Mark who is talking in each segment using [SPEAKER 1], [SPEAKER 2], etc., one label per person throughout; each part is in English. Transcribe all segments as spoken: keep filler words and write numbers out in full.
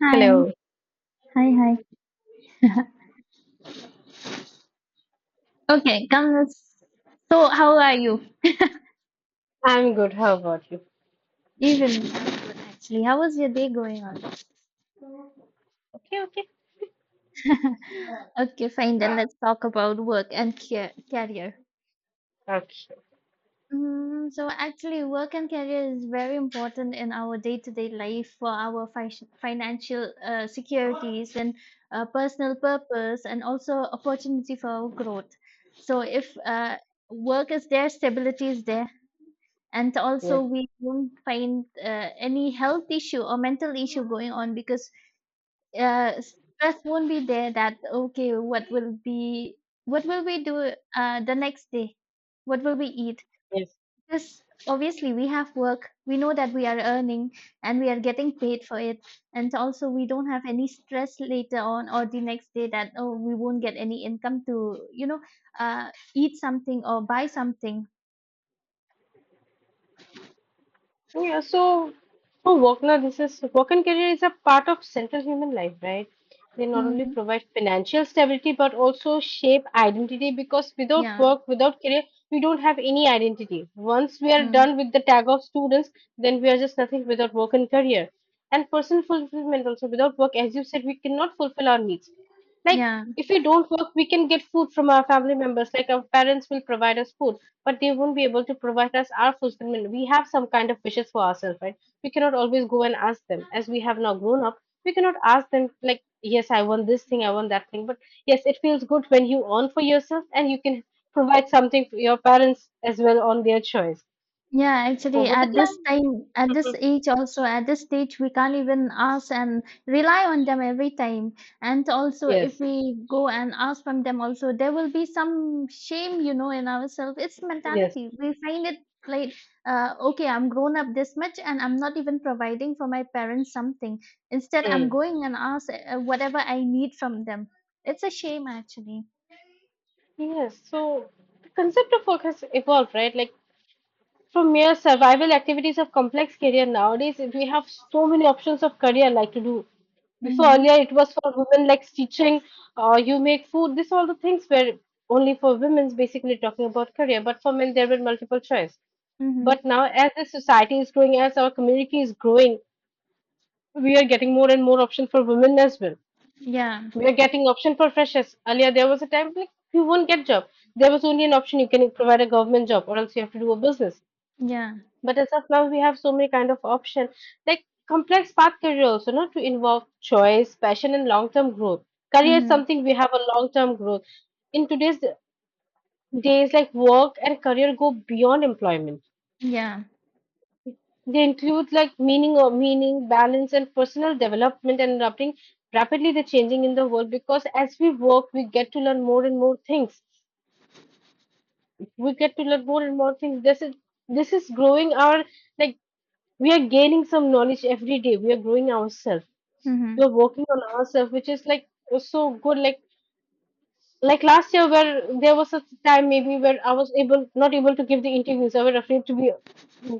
[SPEAKER 1] Hi,
[SPEAKER 2] Hello,
[SPEAKER 1] hi, hi. Okay, come. let's- So, how are you?
[SPEAKER 2] I'm good. How about you?
[SPEAKER 1] Even Actually, how was your day going on?
[SPEAKER 2] Okay, okay.
[SPEAKER 1] Okay, fine. Then let's talk about work and care- career.
[SPEAKER 2] Okay.
[SPEAKER 1] Mm, so, actually, work and career is very important in our day-to-day life for our fi- financial uh, securities and uh, personal purpose, and also opportunity for our growth. So, if uh, work is there, stability is there. And also
[SPEAKER 2] Yes,
[SPEAKER 1] we won't find uh, any health issue or mental issue going on, because uh, stress won't be there that okay, what will be what will we do uh, the next day, what will we eat?
[SPEAKER 2] yes.
[SPEAKER 1] Because obviously we have work, we know that we are earning and we are getting paid for it, and also we don't have any stress later on or the next day that oh, we won't get any income to you know uh, eat something or buy something.
[SPEAKER 2] Oh, yeah, so for Wagner, this is work and career is a part of central human life, right? They not only
[SPEAKER 1] Hmm.
[SPEAKER 2] provide financial stability but also shape identity because without
[SPEAKER 1] Yeah.
[SPEAKER 2] work, without career, we don't have any identity. Once we are
[SPEAKER 1] Mm.
[SPEAKER 2] done with the tag of students, then we are just nothing without work and career. And personal fulfillment also without work, as you said, we cannot fulfill our needs. Like
[SPEAKER 1] Yeah.
[SPEAKER 2] if we don't work, we can get food from our family members, like our parents will provide us food but they won't be able to provide us our fulfillment. We have some kind of wishes for ourselves, right? We cannot always go and ask them. As we have now grown up, we cannot ask them, like, yes, I want this thing, I want that thing. But yes, it feels good when you earn for yourself and you can provide something for your parents as well on their choice.
[SPEAKER 1] Yeah, actually,
[SPEAKER 2] Over the
[SPEAKER 1] at this
[SPEAKER 2] time,
[SPEAKER 1] time, at this age, also at this stage, we can't even ask and rely on them every time. And also, if
[SPEAKER 2] yes,
[SPEAKER 1] we go and ask from them, also there will be some shame, you know, in ourselves. It's
[SPEAKER 2] yes.
[SPEAKER 1] mentality. We find it like, uh, okay, I'm grown up this much, and I'm not even providing for my parents something. Instead, I'm
[SPEAKER 2] Mm.
[SPEAKER 1] going and ask uh, whatever I need from them. It's a shame, actually.
[SPEAKER 2] Yes, so the concept of work has evolved, right? Like from mere survival activities of complex career nowadays, we have so many options of career like to do. Before
[SPEAKER 1] Mm-hmm.
[SPEAKER 2] earlier, it was for women like teaching, uh, you make food. These all the things were only for women's basically talking about career. But for men, there were multiple choice. But
[SPEAKER 1] Mm-hmm.
[SPEAKER 2] now, as the society is growing, as our community is growing, we are getting more and more options for women as well.
[SPEAKER 1] Yeah.
[SPEAKER 2] We are getting option for freshers. Earlier, there was a time like you won't get job. There was only an option you can provide a government job, or else you have to do a business.
[SPEAKER 1] Yeah.
[SPEAKER 2] But as of now, we have so many kind of option. Like complex path career also, not to involve choice, passion, and long-term growth. Career is
[SPEAKER 1] Mm-hmm.
[SPEAKER 2] something we have a long-term growth. In today's days, like work and career go beyond employment.
[SPEAKER 1] Yeah.
[SPEAKER 2] They include like meaning or meaning, balance, and personal development and adapting rapidly the changing in the world. Because as we work, we get to learn more and more things. We get to learn more and more things. This is this is growing our, like, we are gaining some knowledge every day, we are growing ourselves, we
[SPEAKER 1] Mm-hmm.
[SPEAKER 2] are working on ourselves, which is like so good, like like last year, where there was a time maybe where I was able not able to give the interviews, I was afraid to be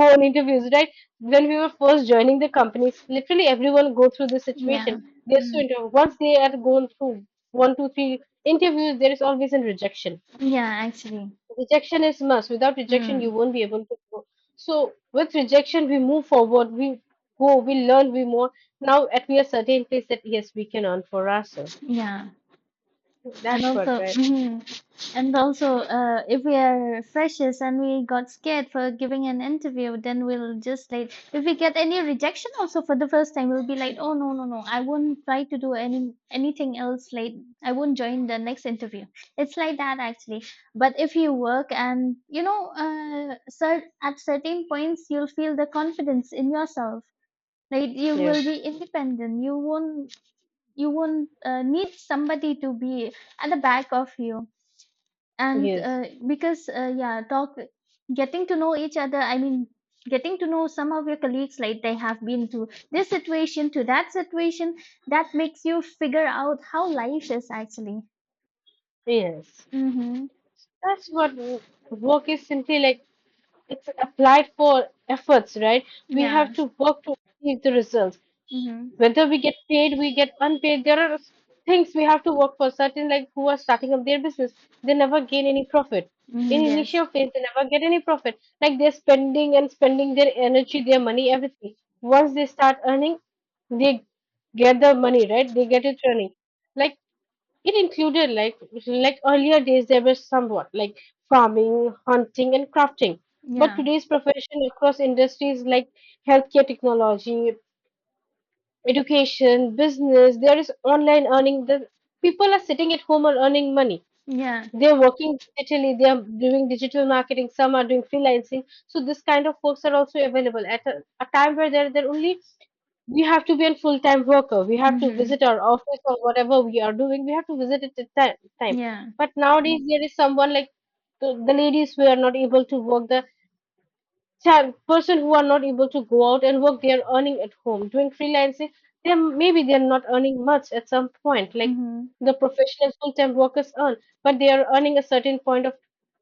[SPEAKER 2] go on interviews, right? When we were first joining the companies, literally everyone go through this
[SPEAKER 1] Yeah.
[SPEAKER 2] situation. They're so
[SPEAKER 1] Mm.
[SPEAKER 2] into once they are going through one two three interviews, there is always a rejection.
[SPEAKER 1] Yeah, actually.
[SPEAKER 2] Rejection is must. Without rejection you
[SPEAKER 1] Mm.
[SPEAKER 2] won't be able to grow. So with rejection we move forward, we go, we learn, we more. Now at we are certain place that yes we can earn for ourselves,
[SPEAKER 1] Yeah. And
[SPEAKER 2] that's what,
[SPEAKER 1] also,
[SPEAKER 2] right?
[SPEAKER 1] mm. And also, uh, if we are freshers and we got scared for giving an interview, then we'll just like, if we get any rejection also for the first time, we'll be like, oh no, no, no, I won't try to do any anything else. Like, I won't join the next interview. It's like that actually. But if you work and you know, uh, cer- at certain points, you'll feel the confidence in yourself, right? You will
[SPEAKER 2] Yes,
[SPEAKER 1] be independent. You won't you won't uh, need somebody to be at the back of you. And
[SPEAKER 2] yes,
[SPEAKER 1] uh, because uh, yeah, talk getting to know each other, I mean, getting to know some of your colleagues, like they have been to this situation, to that situation, that makes you figure out how life is actually.
[SPEAKER 2] yes,
[SPEAKER 1] Mm-hmm.
[SPEAKER 2] that's what w- work is simply like, it's applied for efforts, right? We have
[SPEAKER 1] Yeah.
[SPEAKER 2] to work to achieve the results,
[SPEAKER 1] Mm-hmm.
[SPEAKER 2] whether we get paid, we get unpaid. There are s- things we have to work for. Certain like who are starting up their business, they never gain any profit. In
[SPEAKER 1] Mm-hmm. Yes.
[SPEAKER 2] initial phase, they never get any profit. Like they're spending and spending their energy, their money, everything. Once they start earning, they get the money, right? They get it running. Like it included like like earlier days there was somewhat like farming, hunting and crafting. But
[SPEAKER 1] Yeah.
[SPEAKER 2] today's profession across industries like healthcare technology, education, business, there is online earning. The people are sitting at home and earning money.
[SPEAKER 1] Yeah.
[SPEAKER 2] They're working digitally, they are doing digital marketing, some are doing freelancing. So this kind of folks are also available at a, a time where they're, they're only we have to be a full time worker. We have to
[SPEAKER 1] Mm-hmm.
[SPEAKER 2] visit our office or whatever we are doing, we have to visit it at time time.
[SPEAKER 1] Yeah.
[SPEAKER 2] But nowadays there is someone like the, the ladies who are not able to work the ten. Person who are not able to go out and work, they are earning at home. Doing freelancing, they maybe they are not earning much at some point. Like
[SPEAKER 1] Mm-hmm.
[SPEAKER 2] the professional full-time workers earn, but they are earning a certain point of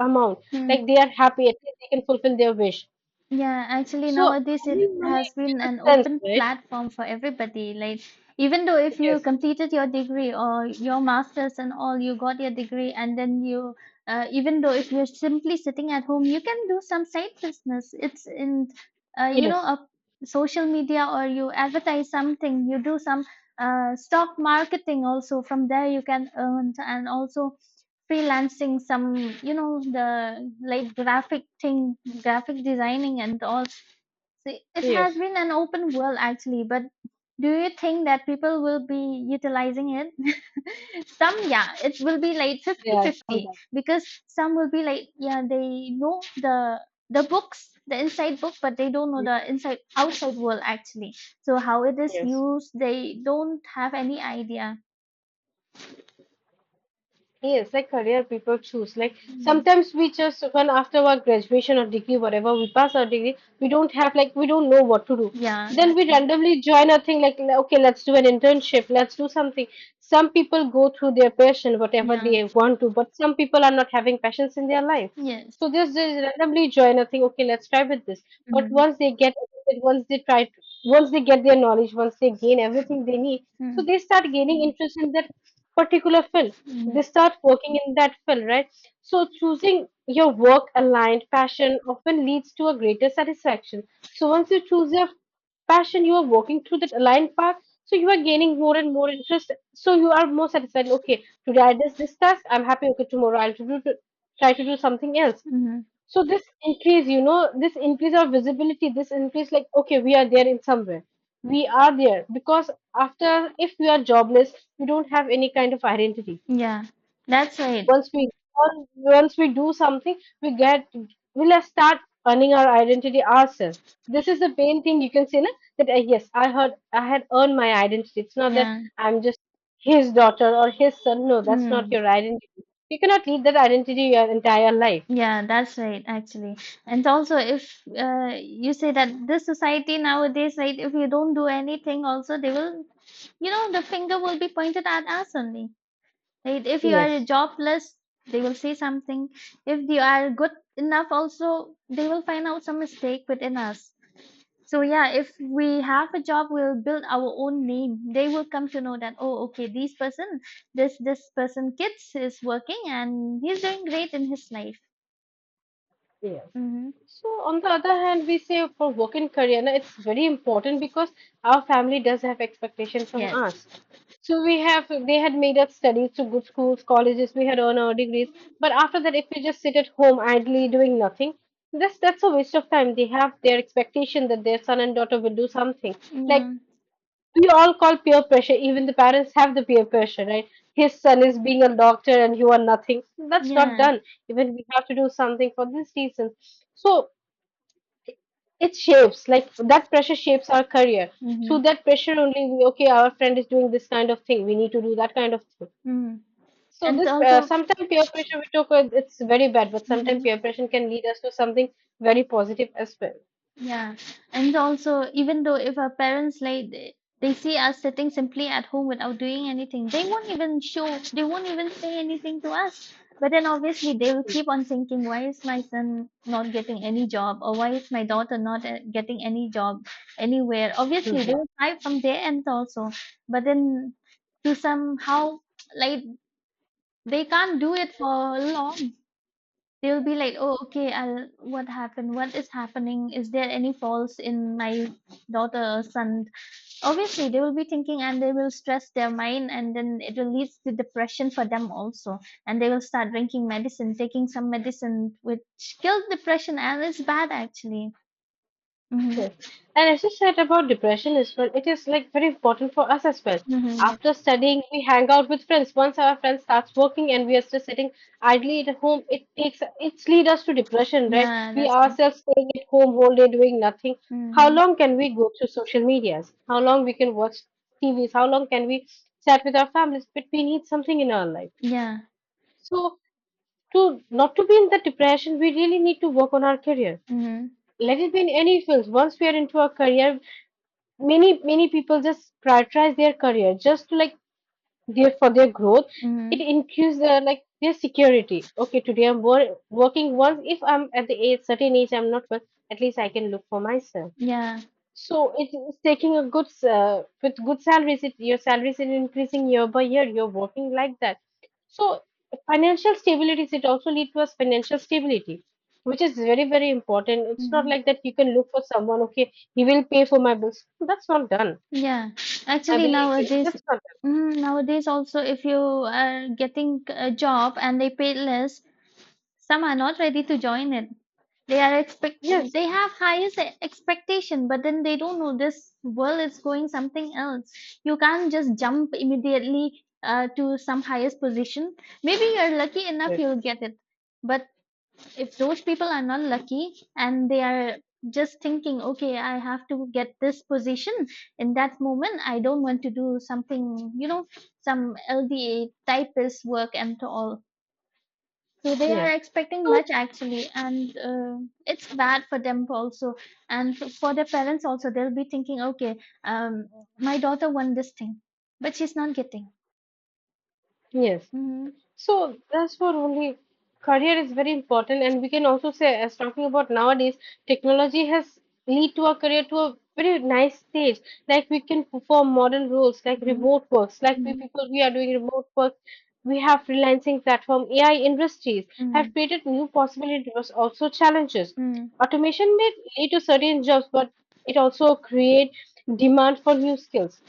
[SPEAKER 2] amount.
[SPEAKER 1] Hmm.
[SPEAKER 2] Like they are happy, at least they can fulfill their wish.
[SPEAKER 1] Yeah, actually
[SPEAKER 2] So
[SPEAKER 1] nowadays it
[SPEAKER 2] earning money
[SPEAKER 1] has
[SPEAKER 2] gives
[SPEAKER 1] been an
[SPEAKER 2] a sense,
[SPEAKER 1] open
[SPEAKER 2] right?
[SPEAKER 1] platform for everybody. Like, even though if you
[SPEAKER 2] Yes.
[SPEAKER 1] completed your degree or your masters and all, you got your degree, and then you uh, even though if you're simply sitting at home, you can do some side business. It's in uh, you know
[SPEAKER 2] Yes.
[SPEAKER 1] a social media, or you advertise something, you do some uh, stock marketing also. From there you can earn, and also freelancing, some, you know the like graphic thing, graphic designing and all. So it has
[SPEAKER 2] Yes.
[SPEAKER 1] been an open world actually, but do you think that people will be utilizing it? Some, yeah, it will be like
[SPEAKER 2] Yeah,
[SPEAKER 1] fifty-fifty,
[SPEAKER 2] sometimes.
[SPEAKER 1] because some will be like yeah, they know the the books, the inside book, but they don't know the inside outside world actually. So how it is
[SPEAKER 2] Yes.
[SPEAKER 1] used, they don't have any idea.
[SPEAKER 2] Yes, like career people choose. Like
[SPEAKER 1] Mm.
[SPEAKER 2] sometimes we just when after our graduation or degree, whatever we pass our degree, we don't have like we don't know what to do.
[SPEAKER 1] Yeah,
[SPEAKER 2] Then
[SPEAKER 1] that's
[SPEAKER 2] we
[SPEAKER 1] right.
[SPEAKER 2] randomly join a thing like le- okay, let's do an internship, let's do something. Some people go through their passion, whatever
[SPEAKER 1] Yeah.
[SPEAKER 2] they want to, but some people are not having passions in their life.
[SPEAKER 1] Yes.
[SPEAKER 2] So just they randomly join a thing, okay, let's try with this. But
[SPEAKER 1] Mhm.
[SPEAKER 2] once they get, once they try, once they get their knowledge, once they gain everything they need, so
[SPEAKER 1] Mm.
[SPEAKER 2] they start gaining interest in that particular field. They
[SPEAKER 1] Mm.
[SPEAKER 2] start working in that field, right? So choosing your work aligned passion often leads to a greater satisfaction. So once you choose your passion, you are working through that aligned path. So you are gaining more and more interest. So you are more satisfied. Okay, today I did this task. I'm happy. Okay, tomorrow I'll to do, to try to do something else.
[SPEAKER 1] Mhm.
[SPEAKER 2] So this increase, you know, this increase of visibility, this increase like, okay, we are there in somewhere. We are there because after, if we are jobless, we don't have any kind of identity.
[SPEAKER 1] Yeah, that's right.
[SPEAKER 2] Once we on- once we do something, we get we'll start earning our identity ourselves. This is the main thing you can say na, that uh, yes, I heard I had earned my identity. It's not that
[SPEAKER 1] Yeah.
[SPEAKER 2] I'm just his daughter or his son. No, that's
[SPEAKER 1] Mm.
[SPEAKER 2] not your identity. You cannot lead that identity your entire life.
[SPEAKER 1] Yeah, that's right, actually. And also, if uh, you say that this society nowadays, right, if you don't do anything, also they will, you know, the finger will be pointed at us only, right? If you are
[SPEAKER 2] Yes.
[SPEAKER 1] jobless, they will say something. If you are good enough, also they will find out some mistake within us. So yeah, if we have a job, we'll build our own name. They will come to know that oh, okay, this person, this this person, kids is working and he's doing great in his life.
[SPEAKER 2] Yes.
[SPEAKER 1] Mm-hmm.
[SPEAKER 2] So on the other hand, we say for work in career, na, it's very important because our family does have expectation from
[SPEAKER 1] Yes.
[SPEAKER 2] us. So we have they had made us study to good schools, colleges, we had earned our degrees. But after that, if we just sit at home idly doing nothing, that's that's a waste of time. They have their expectation that their son and daughter will do something. Like
[SPEAKER 1] Yeah,
[SPEAKER 2] we all call peer pressure. Even the parents have the peer pressure, right? His son is being a doctor and you are nothing. That's not
[SPEAKER 1] yeah.
[SPEAKER 2] done. Even we have to do something for this reason. So it shapes, like that pressure shapes our career. Through
[SPEAKER 1] Mm-hmm.
[SPEAKER 2] that pressure only, we, okay, our friend is doing this kind of thing. We need to do that kind of thing.
[SPEAKER 1] Mm-hmm.
[SPEAKER 2] So
[SPEAKER 1] And
[SPEAKER 2] this uh,
[SPEAKER 1] also,
[SPEAKER 2] sometimes peer pressure we talk about, it's very bad, but sometimes
[SPEAKER 1] mhm.
[SPEAKER 2] peer pressure can lead us to something very positive as well.
[SPEAKER 1] Yeah, and also, even though if our parents like they, they see us sitting simply at home without doing anything, they won't even show, they won't even say anything to us. But then obviously they will keep on thinking, why is my son not getting any job, or why is my daughter not uh, getting any job anywhere? Obviously they
[SPEAKER 2] Mhm.
[SPEAKER 1] will try from their end also, but then to somehow, like, they can't do it for long. They'll be like, "Oh, okay, I'll what happened? What is happening? Is there any faults in my daughter or son?" Obviously, they will be thinking, and they will stress their mind, and then it will lead to depression for them also, and they will start drinking medicine, taking some medicine which kills depression, and it's bad actually. Hmm.
[SPEAKER 2] Yes, and as you said about depression as well, it is like very important for us as well.
[SPEAKER 1] Hmm. Yeah.
[SPEAKER 2] After studying, we hang out with friends. Once our friend starts working and we are still sitting idly at home, it takes it's lead us to depression, right?
[SPEAKER 1] Yeah,
[SPEAKER 2] We
[SPEAKER 1] that's right.
[SPEAKER 2] ourselves staying at home all day doing nothing. How
[SPEAKER 1] Hmm.
[SPEAKER 2] long can we go to social medias? How long we can watch T V's? How long can we chat with our families? But we need something in our life.
[SPEAKER 1] Yeah.
[SPEAKER 2] So to not to be in the depression, we really need to work on our career.
[SPEAKER 1] Hmm.
[SPEAKER 2] Let it be in any fields. Once we are into our career, many many people just prioritize their career just to like their for their growth, it
[SPEAKER 1] Hmm.
[SPEAKER 2] increases their like their security. Okay, today I'm wor- working, once if I'm at the age certain age I'm not work, at least I can look for myself.
[SPEAKER 1] Yeah.
[SPEAKER 2] So it is taking a good uh, with good salaries it, your salaries are increasing year by year, you're working like that. So financial stability, it also lead to us financial stability, which is very very important. It's not
[SPEAKER 1] Hmm.
[SPEAKER 2] like that you can look for someone, okay he will pay for my bills, that's not done.
[SPEAKER 1] Yeah,
[SPEAKER 2] I
[SPEAKER 1] actually
[SPEAKER 2] believe it-
[SPEAKER 1] nowadays,
[SPEAKER 2] that's not,
[SPEAKER 1] mm, nowadays also if you are getting a job and they pay less, some are not ready to join it. They are expect
[SPEAKER 2] yes,
[SPEAKER 1] they have highest e- expectation, but then they don't know this world is going something else. You can't just jump immediately uh, to some highest position. Maybe you're lucky enough
[SPEAKER 2] yes,
[SPEAKER 1] you'll get it, but if those people are not lucky and they are just thinking, okay, I have to get this position, in that moment I don't want to do something, you know, some lda typist work and all. So they are
[SPEAKER 2] yeah.
[SPEAKER 1] expecting
[SPEAKER 2] So
[SPEAKER 1] much actually, and uh, it's bad for them also, and for their parents also they'll be thinking, okay, um, my daughter won this thing but she's not getting.
[SPEAKER 2] yes,
[SPEAKER 1] Mm-hmm.
[SPEAKER 2] so that's what only, career is very important, and we can also say, as talking about nowadays, technology has lead to our career to a very nice stage. Like we can perform modern roles, like
[SPEAKER 1] Mm-hmm.
[SPEAKER 2] remote works, like we
[SPEAKER 1] Mm-hmm.
[SPEAKER 2] people we are doing remote work. We have freelancing platform, A I industries
[SPEAKER 1] Mm-hmm.
[SPEAKER 2] have created new possibilities, but also challenges.
[SPEAKER 1] Mm-hmm.
[SPEAKER 2] Automation may lead to certain jobs, but it also create demand for new skills.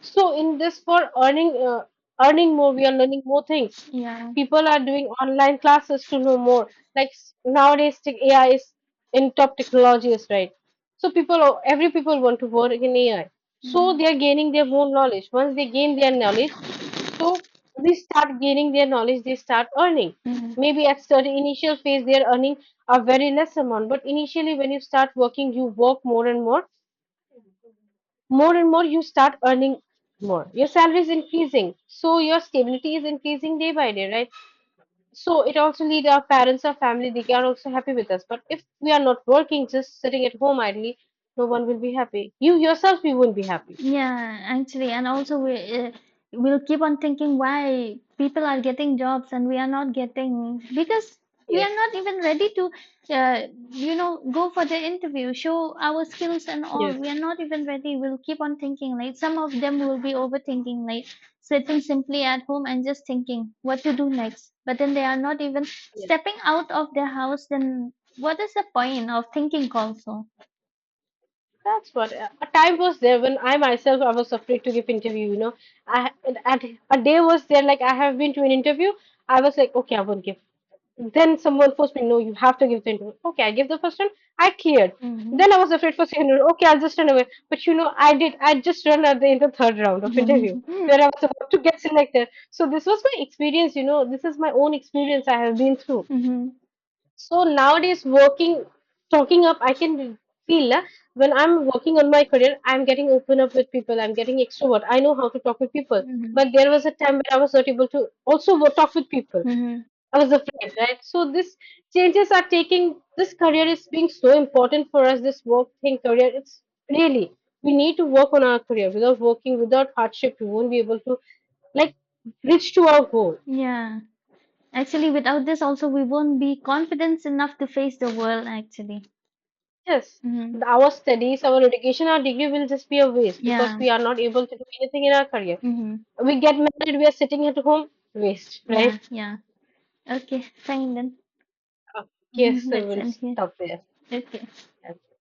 [SPEAKER 2] So in this for earning uh, earning more, we are learning more things.
[SPEAKER 1] Yeah.
[SPEAKER 2] People are doing online classes to know more. Like s- nowadays, tech- A I is in top technologies, right? So people, are- every people want to work in A I. So
[SPEAKER 1] Mm-hmm.
[SPEAKER 2] they are gaining their more knowledge. Once they gain their knowledge, so they start gaining their knowledge. They start earning.
[SPEAKER 1] Mm-hmm.
[SPEAKER 2] Maybe at certain initial phase, they are earning a very less amount. But initially, when you start working, you work more and more, more and more you start earning more, your salary is increasing, so your stability is increasing day by day, right? So it also lead our parents, our family, they are also happy with us, but if we are not working just sitting at home idly, no one will be happy, you yourself you won't be happy.
[SPEAKER 1] Yeah, actually, and also we uh, we'll keep on thinking why people are getting jobs and we are not getting, because we are
[SPEAKER 2] Yes,
[SPEAKER 1] not even ready to, uh, you know, go for the interview, show our skills and all.
[SPEAKER 2] yes.
[SPEAKER 1] We are not even ready. We'll keep on thinking. Like some of them will be overthinking, like sitting simply at home and just thinking what to do next. But then they are not even stepping out of their house. Then what is the point of thinking also?
[SPEAKER 2] That's what uh, a time was there when I myself I was afraid to give interview. You know, I and at a day was there like I have been to an interview. I was like, okay, I won't give. Then someone forced me, no, you have to give the interview. Okay, I give the first one. I cleared.
[SPEAKER 1] Hmm.
[SPEAKER 2] Then I was afraid for second round. Okay, I'll just run away. But you know, I did. I just run at the in the third round of interview
[SPEAKER 1] Hmm.
[SPEAKER 2] where I was about to get selected. So this was my experience. You know, this is my own experience I have been through.
[SPEAKER 1] Hmm.
[SPEAKER 2] So nowadays, working, talking up, I can feel uh, when I'm working on my career, I'm getting open up with people. I'm getting extrovert. I know how to talk with people.
[SPEAKER 1] Hmm.
[SPEAKER 2] But there was a time when I was not able to also wo- talk with people.
[SPEAKER 1] Mm-hmm.
[SPEAKER 2] I was afraid, right? So this changes are taking. This career is being so important for us. This work thing, career. It's really we need to work on our career. Without working, without hardship, we won't be able to like reach to our goal.
[SPEAKER 1] Yeah. Actually, without this also we won't be confident enough to face the world actually.
[SPEAKER 2] Yes,
[SPEAKER 1] Mm-hmm.
[SPEAKER 2] th- our studies, our education, our degree will just be a waste
[SPEAKER 1] Yeah.
[SPEAKER 2] because we are not able to do anything in our career.
[SPEAKER 1] Mm-hmm.
[SPEAKER 2] We get married, we are sitting at home, waste,
[SPEAKER 1] Yeah,
[SPEAKER 2] right?
[SPEAKER 1] yeah. Okay, fine then.
[SPEAKER 2] Uh, yes,
[SPEAKER 1] Hmm.
[SPEAKER 2] so
[SPEAKER 1] Let's
[SPEAKER 2] we'll
[SPEAKER 1] end here.
[SPEAKER 2] stop there.
[SPEAKER 1] Okay.
[SPEAKER 2] Yeah.